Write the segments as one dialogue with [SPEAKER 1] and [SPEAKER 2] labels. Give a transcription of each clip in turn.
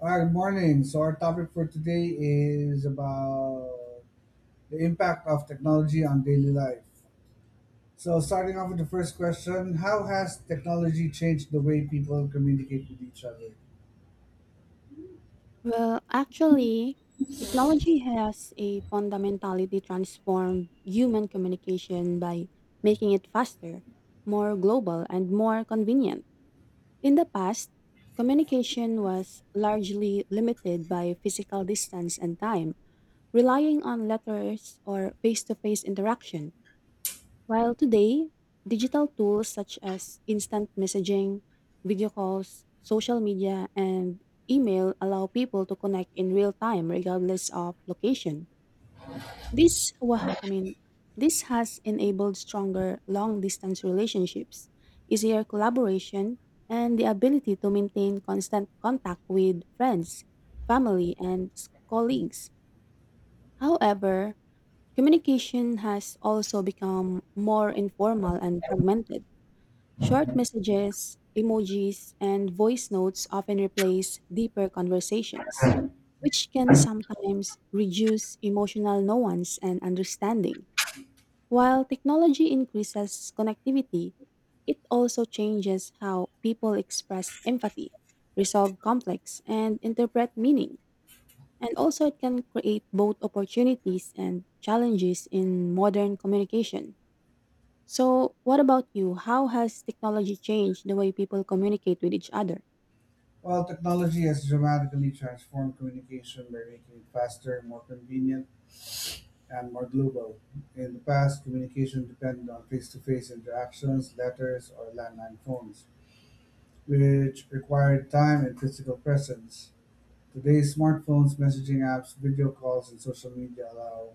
[SPEAKER 1] Good morning. So our topic for today is about the impact of technology on daily life. So starting off with the first question, how has technology changed the way people communicate with each other?
[SPEAKER 2] Well, actually, technology has a fundamentally transformed human communication by making it faster, more global, and more convenient. In the past, communication was largely limited by physical distance and time, relying on letters or face to face interaction. While today, digital tools such as instant messaging, video calls, social media, and email allow people to connect in real time regardless of location. This wa- I mean, this has enabled stronger long-distance relationships, easier collaboration, and the ability to maintain constant contact with friends, family, and colleagues. However, communication has also become more informal and fragmented. Short messages, emojis, and voice notes often replace deeper conversations, which can sometimes reduce emotional nuance and understanding. While technology increases connectivity, it also changes how people express empathy, resolve conflicts, and interpret meaning. And also, it can create both opportunities and challenges in modern communication. So, what about you? How has technology changed the way people communicate with each other?
[SPEAKER 1] Well, technology has dramatically transformed communication by making it faster, more convenient, and more global. In the past, communication depended on face-to-face interactions, letters, or landline phones, which required time and physical presence. Today, smartphones, messaging apps, video calls, and social media allow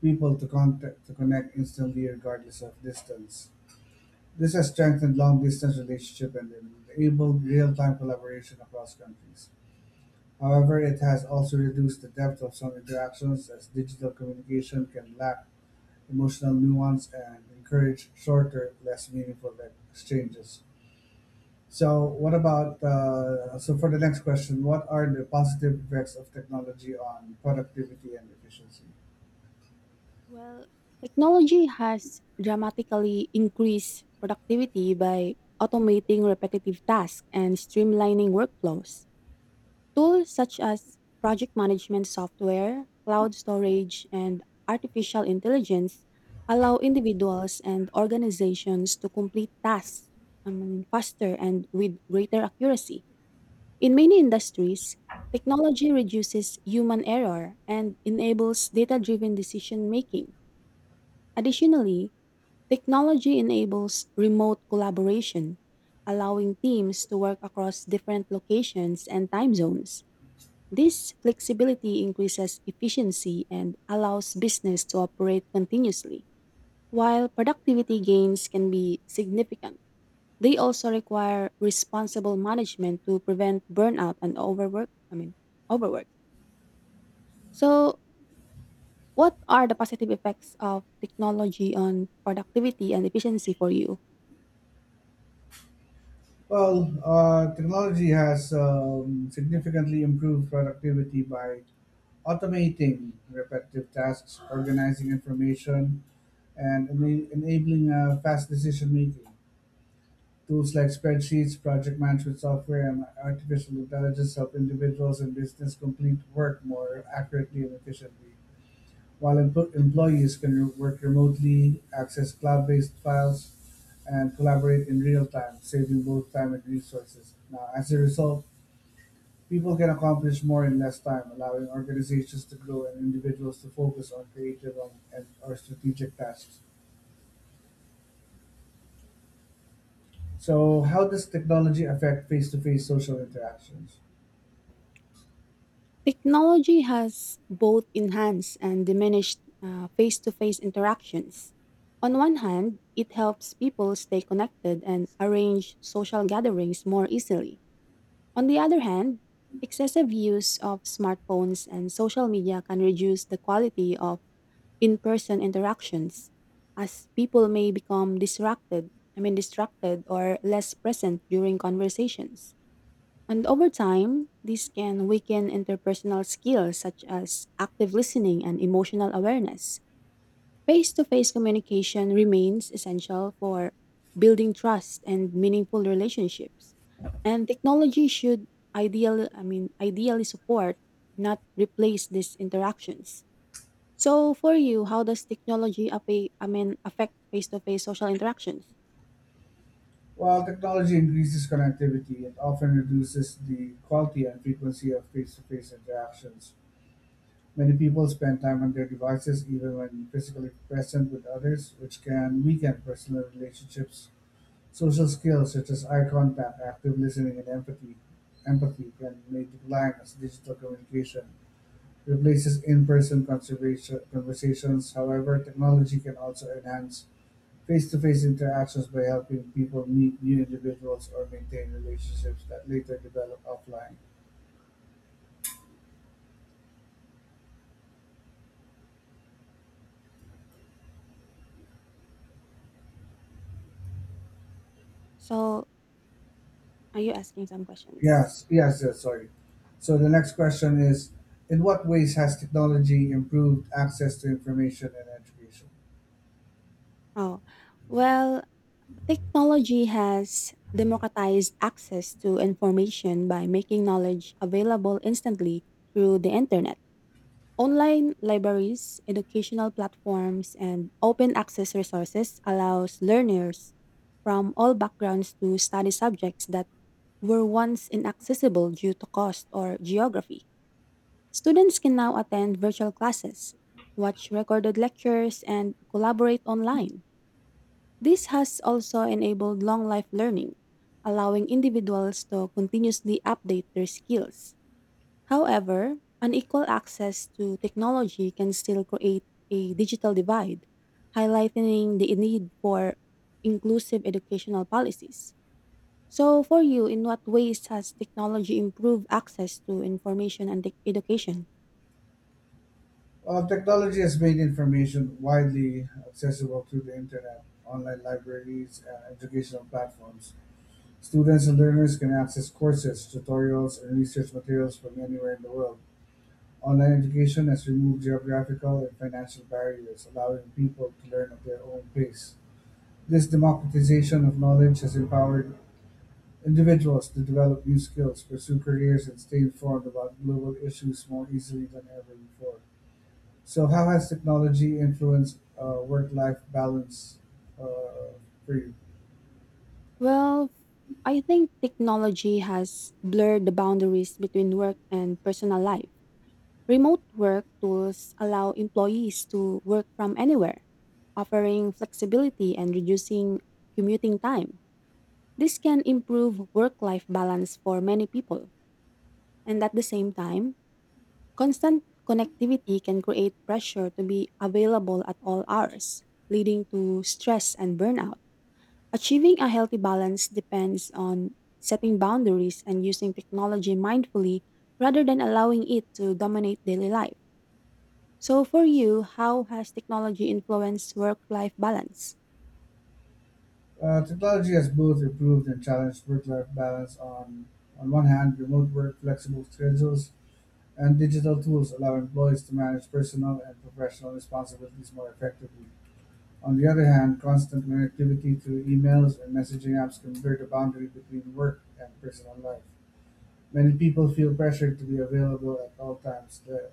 [SPEAKER 1] people to contact to connect instantly regardless of distance. This has strengthened long-distance relationships and enabled real-time collaboration across countries. However, it has also reduced the depth of some interactions as digital communication can lack emotional nuance and encourage shorter, less meaningful exchanges. So, what about for the next question, what are the positive effects of technology on productivity and efficiency?
[SPEAKER 2] Well, technology has dramatically increased productivity by automating repetitive tasks and streamlining workflows. Tools such as project management software, cloud storage, and artificial intelligence allow individuals and organizations to complete tasks faster and with greater accuracy. In many industries, technology reduces human error and enables data driven decision making. Additionally, technology enables remote collaboration, allowing teams to work across different locations and time zones. This flexibility increases efficiency and allows business to operate continuously. While productivity gains can be significant, they also require responsible management to prevent burnout and overwork. So, what are the positive effects of technology on productivity and efficiency for you?
[SPEAKER 1] Well, technology has significantly improved productivity by automating repetitive tasks, organizing information, and enabling fast decision making. Tools like spreadsheets, project management software, and artificial intelligence help individuals and business complete work more accurately and efficiently. While employees can work remotely, access cloud-based files, and collaborate in real time, saving both time and resources. Now, as a result, people can accomplish more in less time, allowing organizations to grow and individuals to focus on creative or strategic tasks. So, how does technology affect face-to-face social interactions?
[SPEAKER 2] Technology has both enhanced and diminished face to face interactions. On one hand, it helps people stay connected and arrange social gatherings more easily. On the other hand, excessive use of smartphones and social media can reduce the quality of in person interactions as people may become distracted or less present during conversations. And over time, this can weaken interpersonal skills such as active listening and emotional awareness. Face to face communication remains essential for building trust and meaningful relationships. And technology should ideally support, not replace these interactions. So, for you, how does technology affect face to face social interactions?
[SPEAKER 1] While technology increases connectivity, it often reduces the quality and frequency of face-to-face interactions. Many people spend time on their devices even when physically present with others, which can weaken personal relationships. Social skills such as eye contact, active listening, and empathy can may decline as digital communication replaces conversations. However, technology can also enhance face-to-face interactions by helping people meet new individuals or maintain relationships that later develop offline.
[SPEAKER 2] So, are you asking some questions?
[SPEAKER 1] Yes, sorry. So the next question is, in what ways has technology improved access to information and education?
[SPEAKER 2] Oh, well, technology has democratized access to information by making knowledge available instantly through the internet. Online libraries, educational platforms, and open access resources allows learners from all backgrounds to study subjects that were once inaccessible due to cost or geography. Students can now attend virtual classes, watch recorded lectures, and collaborate online. This has also enabled long life learning, allowing individuals to continuously update their skills. However, unequal access to technology can still create a digital divide, highlighting the need for inclusive educational policies. So, for you, in what ways has technology improved access to information and education?
[SPEAKER 1] Well, technology has made information widely accessible through the internet, online libraries, and educational platforms. Students and learners can access courses, tutorials, and research materials from anywhere in the world. Online education has removed geographical and financial barriers, allowing people to learn at their own pace. This democratization of knowledge has empowered individuals to develop new skills, pursue careers, and stay informed about global issues more easily than ever before. So, how has technology influenced work-life balance uh, for you?
[SPEAKER 2] Well, I think technology has blurred the boundaries between work and personal life. Remote work tools allow employees to work from anywhere, offering flexibility and reducing commuting time. This can improve work life balance for many people. And at the same time, constant connectivity can create pressure to be available at all hours, leading to stress and burnout. Achieving a healthy balance depends on setting boundaries and using technology mindfully rather than allowing it to dominate daily life. So, for you, how has technology influenced work life balance?
[SPEAKER 1] Technology has both improved and challenged work-life balance. On one hand, remote work, flexible schedules, and digital tools allow employees to manage personal and professional responsibilities more effectively. On the other hand, constant connectivity through emails and messaging apps can blur the boundary between work and personal life. Many people feel pressured to be available at all times,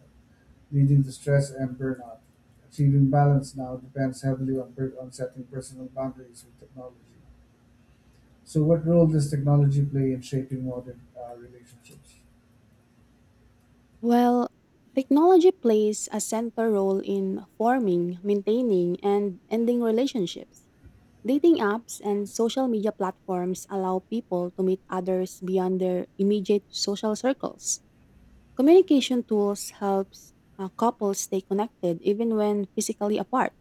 [SPEAKER 1] leading to stress and burnout. Achieving balance now depends heavily on setting personal boundaries with technology. So, what role does technology play in shaping modern relationships?
[SPEAKER 2] Well, technology plays a central role in forming, maintaining, and ending relationships. Dating apps and social media platforms allow people to meet others beyond their immediate social circles. Communication tools helps couples stay connected even when physically apart.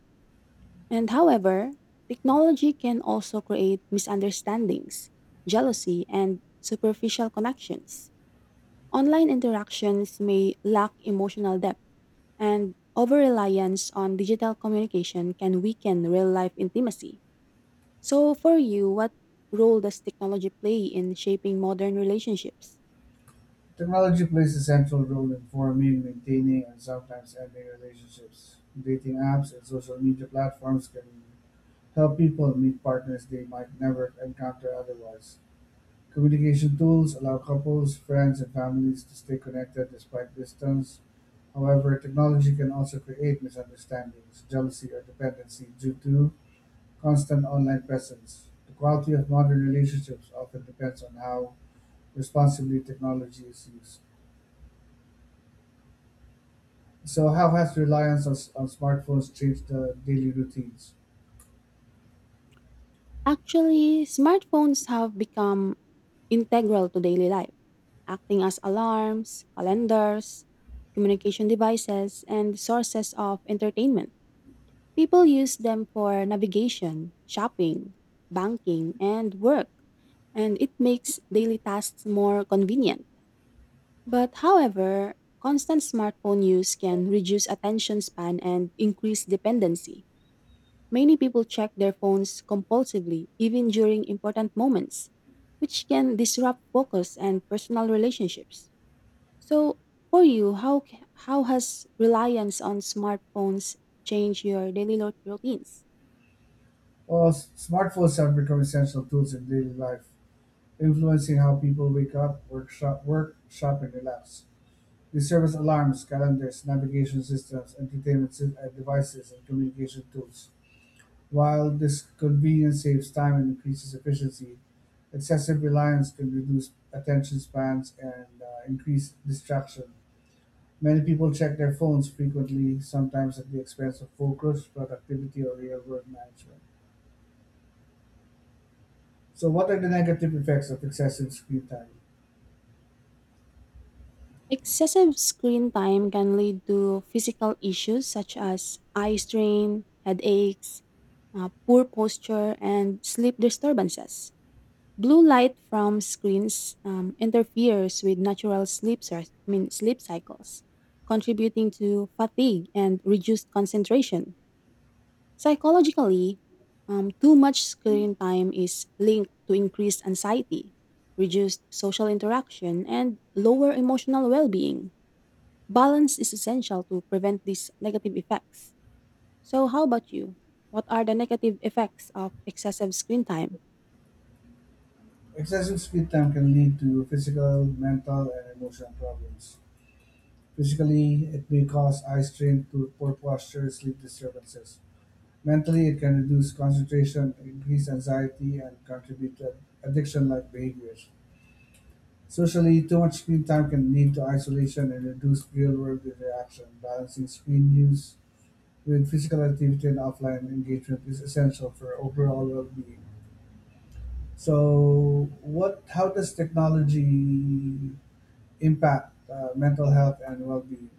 [SPEAKER 2] And however, technology can also create misunderstandings, jealousy, and superficial connections. Online interactions may lack emotional depth, and over reliance on digital communication can weaken real life intimacy. So, for you, what role does technology play in shaping modern relationships?
[SPEAKER 1] Technology plays a central role in forming, maintaining, and sometimes ending relationships. Dating apps and social media platforms can help people meet partners they might never encounter otherwise. Communication tools allow couples, friends, and families to stay connected despite distance. However, technology can also create misunderstandings, jealousy, or dependency due to constant online presence. The quality of modern relationships often depends on how responsibly technology is used. So, how has reliance on smartphones changed the daily routines?
[SPEAKER 2] Actually, smartphones have become integral to daily life, acting as alarms, calendars, communication devices, and sources of entertainment. People use them for navigation, shopping, banking, and work, and it makes daily tasks more convenient. But however, constant smartphone use can reduce attention span and increase dependency. Many people check their phones compulsively, even during important moments, which can disrupt focus and personal relationships. So, for you, how has reliance on smartphones changed your daily routines?
[SPEAKER 1] Well, smartphones have become essential tools in daily life influencing how people wake up, work, shop, and relax. They serve as alarms, calendars, navigation systems, entertainment devices, and communication tools. While this convenience saves time and increases efficiency, excessive reliance can reduce attention spans and increase distraction. Many people check their phones frequently, sometimes at the expense of focus, productivity, or real world management. So, what are the negative effects of excessive screen time?
[SPEAKER 2] Excessive screen time can lead to physical issues such as eye strain, headaches, poor posture, and sleep disturbances. Blue light from screens interferes with natural sleep, cy- I mean, sleep cycles, contributing to fatigue and reduced concentration. Psychologically, too much screen time is linked to increased anxiety, reduced social interaction, and lower emotional well being. Balance is essential to prevent these negative effects. So, how about you? What are the negative effects of excessive screen time?
[SPEAKER 1] Excessive screen time can lead to physical, mental, and emotional problems. Physically, it may cause eye strain, poor posture, sleep disturbances. Mentally, it can reduce concentration, increase anxiety, and contribute to addiction like behaviors. Socially, too much screen time can lead to isolation and reduce real world interaction. Balancing screen use with physical activity and offline engagement is essential for overall well being. So, what? How does technology impact mental health and well-being?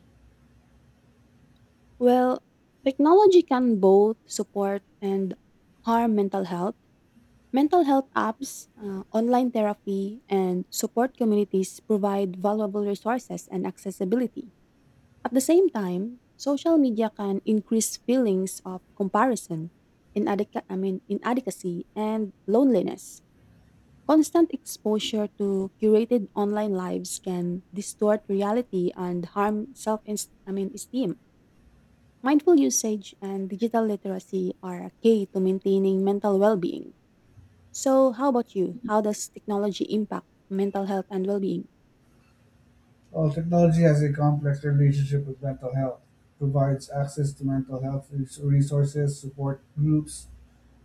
[SPEAKER 2] Well, technology can both support and harm mental health. Mental health apps, online therapy, and support communities provide valuable resources and accessibility. At the same time, social media can increase feelings of comparison, inadequacy, and loneliness. Constant exposure to curated online lives can distort reality and harm self esteem. Mindful usage and digital literacy are a key to maintaining mental well being. So, how about you? How does technology impact mental health and well being?
[SPEAKER 1] While technology has a complex relationship with mental health, provides access to mental health resources, support groups,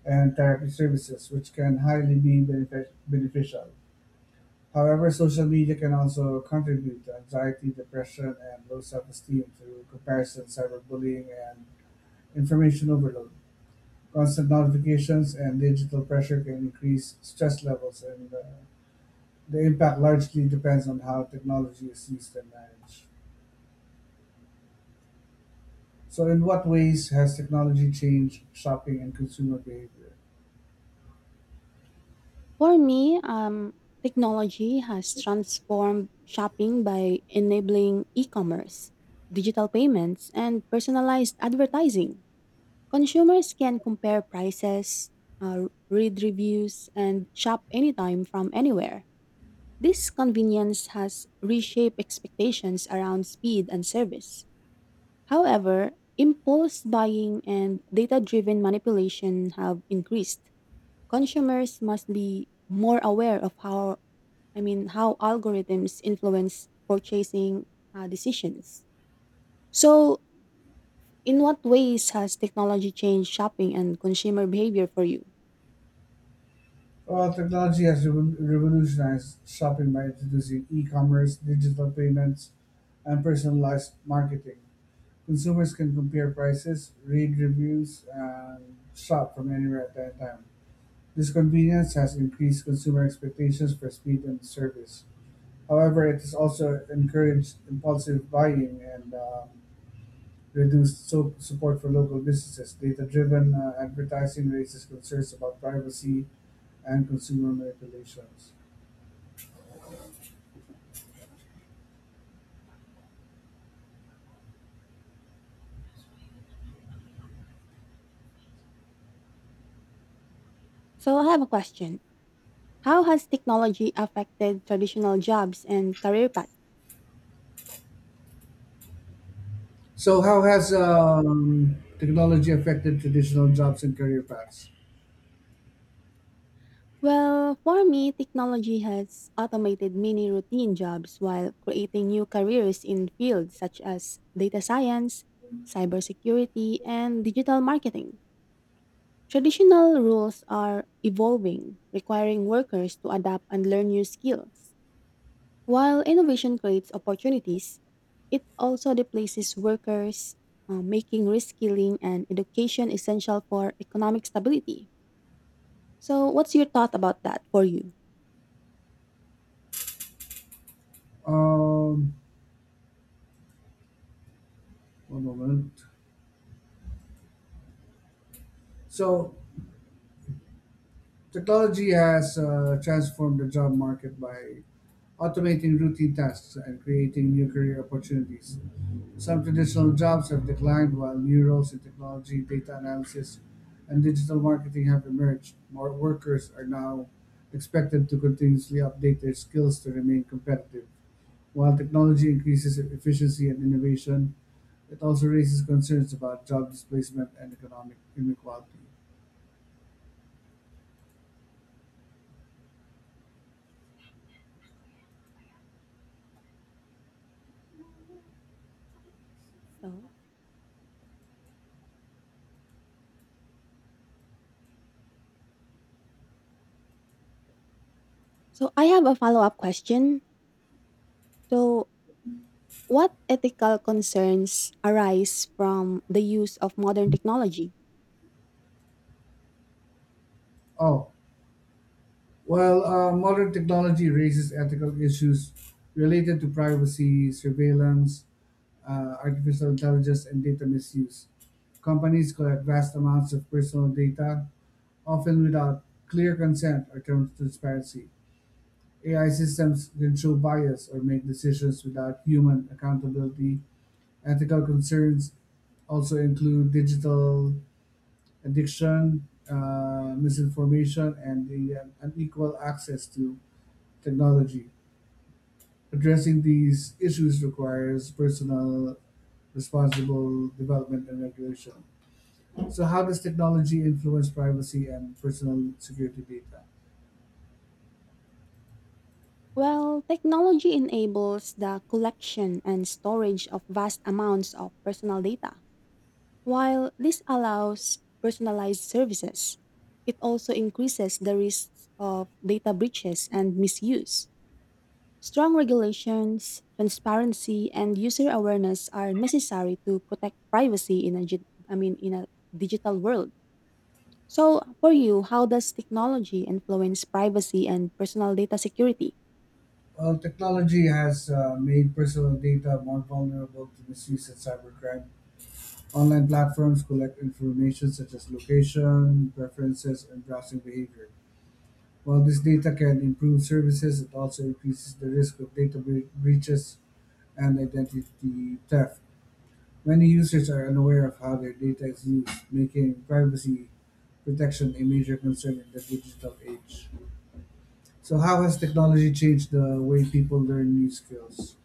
[SPEAKER 1] and therapy services, which can highly be beneficial. However, social media can also contribute to anxiety, depression, and low self-esteem through comparison, cyberbullying, and information overload. Constant notifications and digital pressure can increase stress levels and the impact largely depends on how technology is used and managed. So, in what ways has technology changed shopping and consumer behavior?
[SPEAKER 2] For me, technology has transformed shopping by enabling e commerce, digital payments, and personalized advertising. Consumers can compare prices, read reviews, and shop anytime from anywhere. This convenience has reshaped expectations around speed and service. However, impulse buying and data driven manipulation have increased. Consumers must be more aware of how algorithms influence purchasing decisions. So, in what ways has technology changed shopping and consumer behavior for you?
[SPEAKER 1] Well, technology has revolutionized shopping by introducing e commerce, digital payments, and personalized marketing. Consumers can compare prices, read reviews, and shop from anywhere at any time. This convenience has increased consumer expectations for speed and service. However, it has also encouraged impulsive buying and reduced support for local businesses, data driven advertising raises concerns about privacy and consumer manipulations.
[SPEAKER 2] So, I have a question. How has technology affected traditional jobs and career paths?
[SPEAKER 1] So, how has technology affected traditional jobs and career paths?
[SPEAKER 2] Well, for me, technology has automated many routine jobs while creating new careers in fields such as data science, cybersecurity, and digital marketing. Traditional rules are evolving, requiring workers to adapt and learn new skills. While innovation creates opportunities, it also displaces workers, making reskilling and education essential for economic stability. So, what's your thought about that for you?
[SPEAKER 1] Um, One moment. So, technology has transformed the job market by automating routine tasks and creating new career opportunities. Some traditional jobs have declined, while new roles in technology, data analysis, and digital marketing have emerged. More workers are now expected to continuously update their skills to remain competitive. While technology increases efficiency and innovation, it also raises concerns about job displacement and economic inequality.
[SPEAKER 2] So, so, I have a follow up question. So, what ethical concerns arise from the use of modern technology?
[SPEAKER 1] Oh, well, modern technology raises ethical issues related to privacy, surveillance, artificial intelligence, and data misuse. Companies collect vast amounts of personal data, often without clear consent or transparency. AI systems can show bias or make decisions without human accountability. Ethical concerns also include digital addiction, misinformation, and the unequal access to technology. Addressing these issues requires personal, responsible development and regulation. So how does technology influence privacy and personal security data?
[SPEAKER 2] Well, technology enables the collection and storage of vast amounts of personal data. While this allows personalized services, it also increases the risks of data breaches and misuse. Strong regulations, transparency, and user awareness are necessary to protect privacy in a, gi- I mean, in a digital world. So, for you, how does technology influence privacy and personal data security?
[SPEAKER 1] Well, technology has made personal data more vulnerable to misuse and cybercrime. Online platforms collect information such as location, preferences, and browsing behavior. While this data can improve services, it also increases the risk of data breaches and identity theft. Many users are unaware of how their data is used, making privacy protection a major concern in the digital age. So, how has technology changed the way people learn new skills?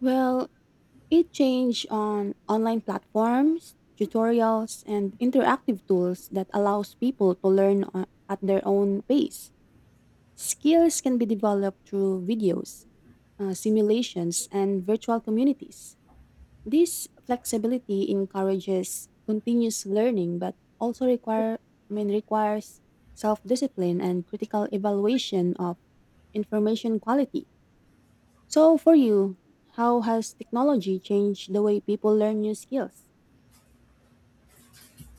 [SPEAKER 2] Well, it changed on online platforms, tutorials, and interactive tools that allows people to learn at their own pace. Skills can be developed through videos, simulations, and virtual communities. This flexibility encourages continuous learning, but also requires self-discipline and critical evaluation of information quality. So for you, how has technology changed the way people learn new skills?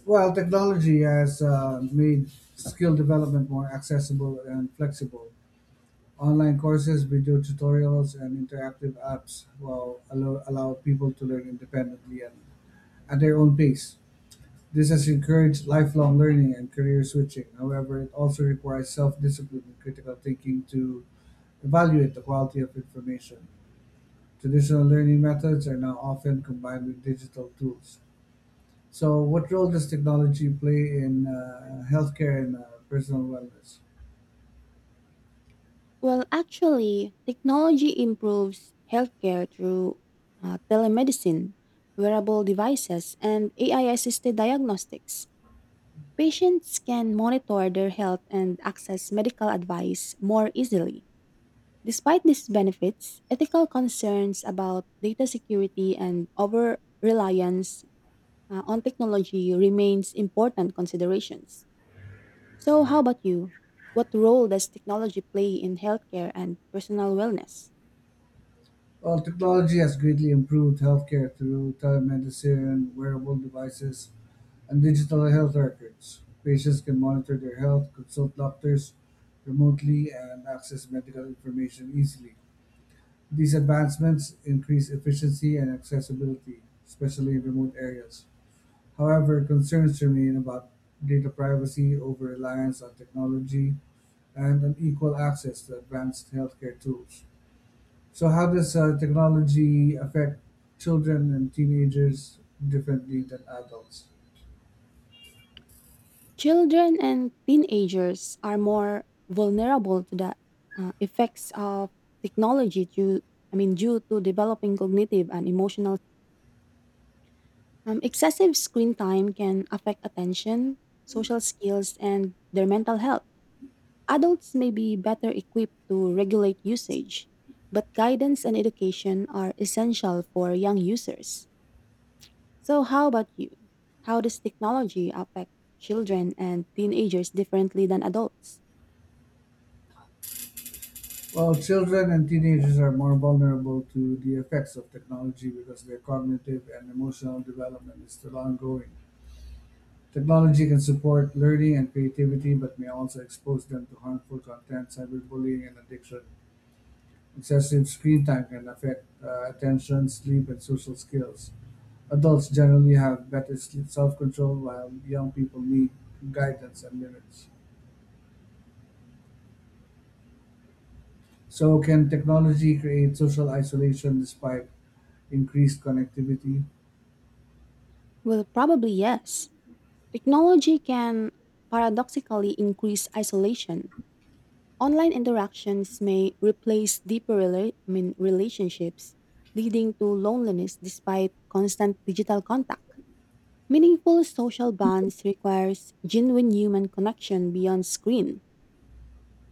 [SPEAKER 1] Well, technology has made skill development more accessible and flexible. Online courses, video tutorials, and interactive apps will allow people to learn independently and at their own pace. This has encouraged lifelong learning and career switching. However, it also requires self discipline and critical thinking to evaluate the quality of information. Traditional learning methods are now often combined with digital tools. So, what role does technology play in healthcare and personal wellness?
[SPEAKER 2] Well, actually, technology improves healthcare through telemedicine, wearable devices, and AI assisted diagnostics. Patients can monitor their health and access medical advice more easily. Despite these benefits, ethical concerns about data security and over reliance on technology remains important considerations. So, how about you? What role does technology play in healthcare and personal wellness?
[SPEAKER 1] Well, technology has greatly improved healthcare through telemedicine, wearable devices, and digital health records. Patients can monitor their health, consult doctors remotely, and access medical information easily. These advancements increase efficiency and accessibility, especially in remote areas. However, concerns remain about data privacy, over reliance on technology, and an equal access to advanced healthcare tools. So, how does technology affect children and teenagers differently than adults?
[SPEAKER 2] Children and teenagers are more vulnerable to the effects of technology due I mean due to developing cognitive and emotional. Excessive screen time can affect attention, social skills and their mental health. Adults may be better equipped to regulate usage, but guidance and education are essential for young users. So how about you? How does technology affect children and teenagers differently than adults?
[SPEAKER 1] Well, children and teenagers are more vulnerable to the effects of technology because their cognitive and emotional development is still ongoing. Technology can support learning and creativity, but may also expose them to harmful content, cyberbullying, and addiction. Excessive screen time can affect attention, sleep, and social skills. Adults generally have better self-control while young people need guidance and limits. So can technology create social isolation despite increased connectivity?
[SPEAKER 2] Well, probably yes. Technology can paradoxically increase isolation. Online interactions may replace deeper relationships, leading to loneliness despite constant digital contact. Meaningful social bonds requires genuine human connection beyond screen.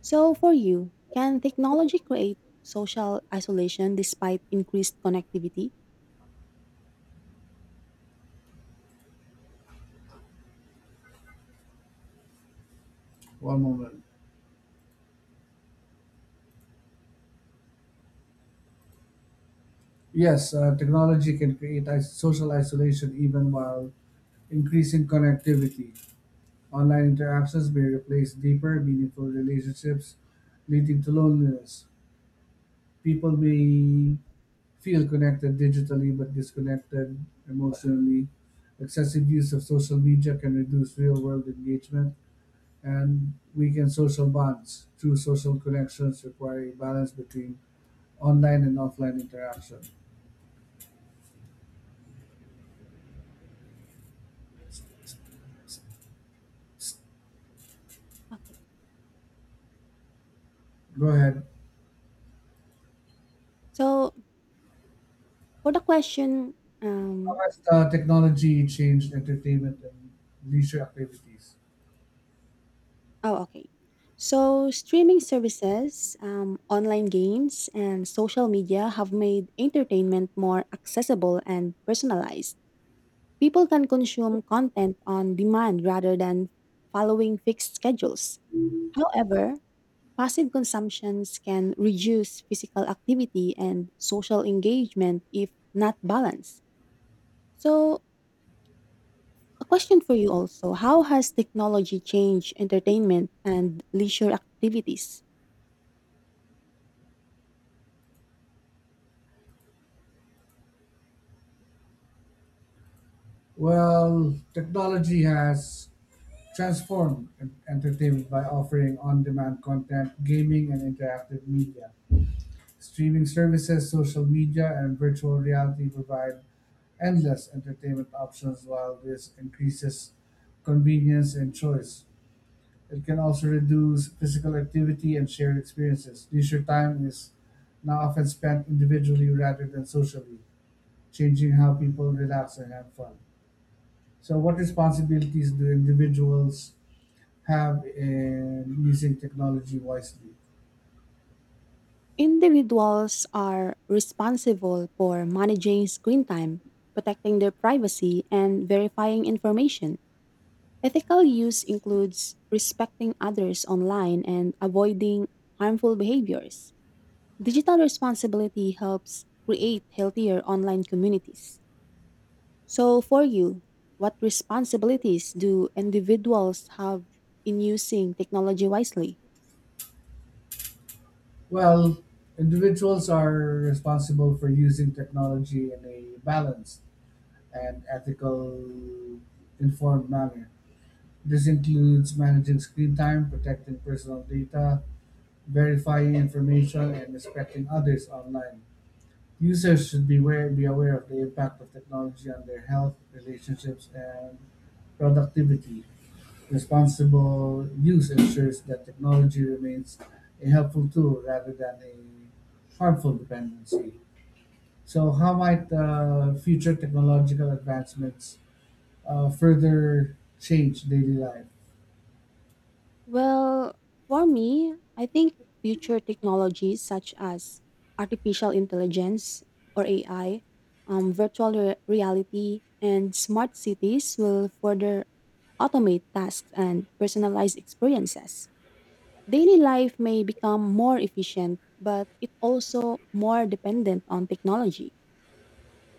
[SPEAKER 2] So for you, can technology create social isolation despite increased connectivity?
[SPEAKER 1] One moment. Yes, technology can social isolation even while increasing connectivity. Online interactions may replace deeper, meaningful relationships, leading to loneliness. People may feel connected digitally but disconnected emotionally. Excessive use of social media can reduce real world engagement and weaken social bonds. True social connections require a balance between online and offline interaction.
[SPEAKER 2] Okay.
[SPEAKER 1] Go ahead.
[SPEAKER 2] So for the question,
[SPEAKER 1] How has technology changed entertainment and leisure activities?
[SPEAKER 2] oh, okay. So, streaming services, online games, and social media have made entertainment more accessible and personalized. People can consume content on demand rather than following fixed schedules. However, passive consumptions can reduce physical activity and social engagement if not balanced. So, a question for you also, how has technology changed entertainment and leisure activities?
[SPEAKER 1] Well, technology has transformed entertainment by offering on demand content, gaming, and interactive media. Streaming services, social media, and virtual reality provide endless entertainment options while this increases convenience and choice. It can also reduce physical activity and shared experiences. Leisure time is now often spent individually rather than socially, changing how people relax and have fun. So, what responsibilities do individuals have in using technology wisely?
[SPEAKER 2] Individuals are responsible for managing screen time, protecting their privacy, and verifying information. Ethical use includes respecting others online and avoiding harmful behaviors. Digital responsibility helps create healthier online communities. So, for you, what responsibilities do individuals have in using technology wisely?
[SPEAKER 1] Well, individuals are responsible for using technology in a balanced and ethical informed manner. This includes managing screen time, protecting personal data, verifying information, and respecting others online. Users should be aware, Be aware of the impact of technology on their health, relationships, and productivity. Responsible use ensures that technology remains a helpful tool rather than a harmful dependency. So, how might future technological advancements further change daily life?
[SPEAKER 2] Well, for me, I think future technologies such as artificial intelligence or AI, virtual reality, and smart cities will further automate tasks and personalize experiences. Daily life may become more efficient, but it also more dependent on technology,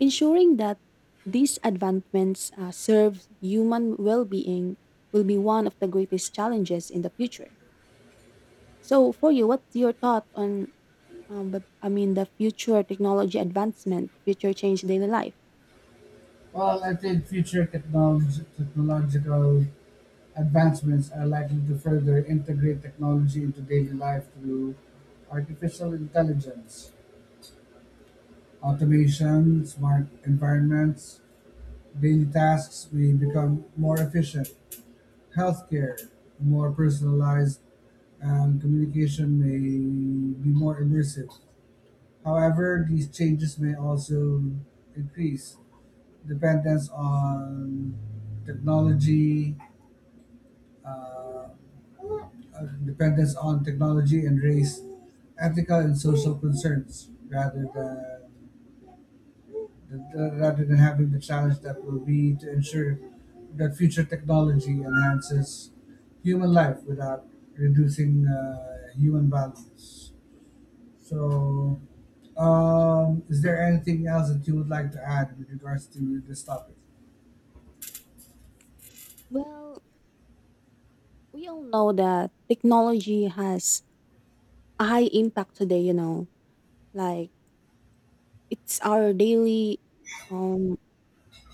[SPEAKER 2] ensuring that these advancements serve human well-being will be one of the greatest challenges in the future. So for you, what's your thought on the future technology advancement, future change daily life?
[SPEAKER 1] Well, I think technological advancements are likely to further integrate technology into daily life through artificial intelligence, automation, smart environments. Daily tasks may become more efficient, healthcare more personalized, and communication may be more immersive. However, these changes may also increase dependence on technology, uh, dependence on technology and raise ethical and social concerns rather than having the challenge that will be to ensure that future technology enhances human life without reducing human values. So, is there anything else that you would like to add with regards to this topic?
[SPEAKER 2] Well, we all know that technology has a high impact today, you know. Like it's our daily um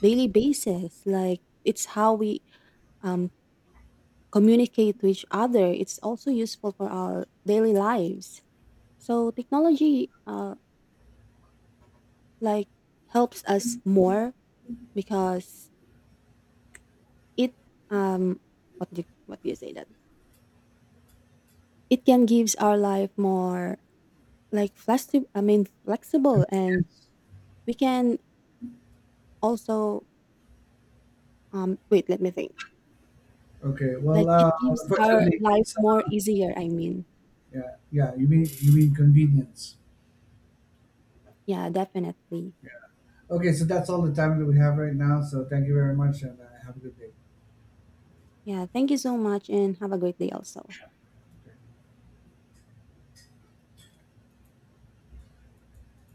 [SPEAKER 2] daily basis. Like it's how we um communicate to each other. It's also useful for our daily lives. So technology like helps us more because it um what do you say that? It can gives our life more like flexible. I mean flexible, and
[SPEAKER 1] Convenience.
[SPEAKER 2] we can also wait. Let me think.
[SPEAKER 1] Okay.
[SPEAKER 2] Like
[SPEAKER 1] Well,
[SPEAKER 2] it gives our
[SPEAKER 1] unfortunately,
[SPEAKER 2] life
[SPEAKER 1] it's, uh,
[SPEAKER 2] more easier. I mean,
[SPEAKER 1] yeah, yeah. You mean convenience.
[SPEAKER 2] yeah, definitely.
[SPEAKER 1] Yeah. Okay. So that's all the time that we have right now. So thank you very much, and have a good day.
[SPEAKER 2] Yeah, thank you so much, and have a great day also.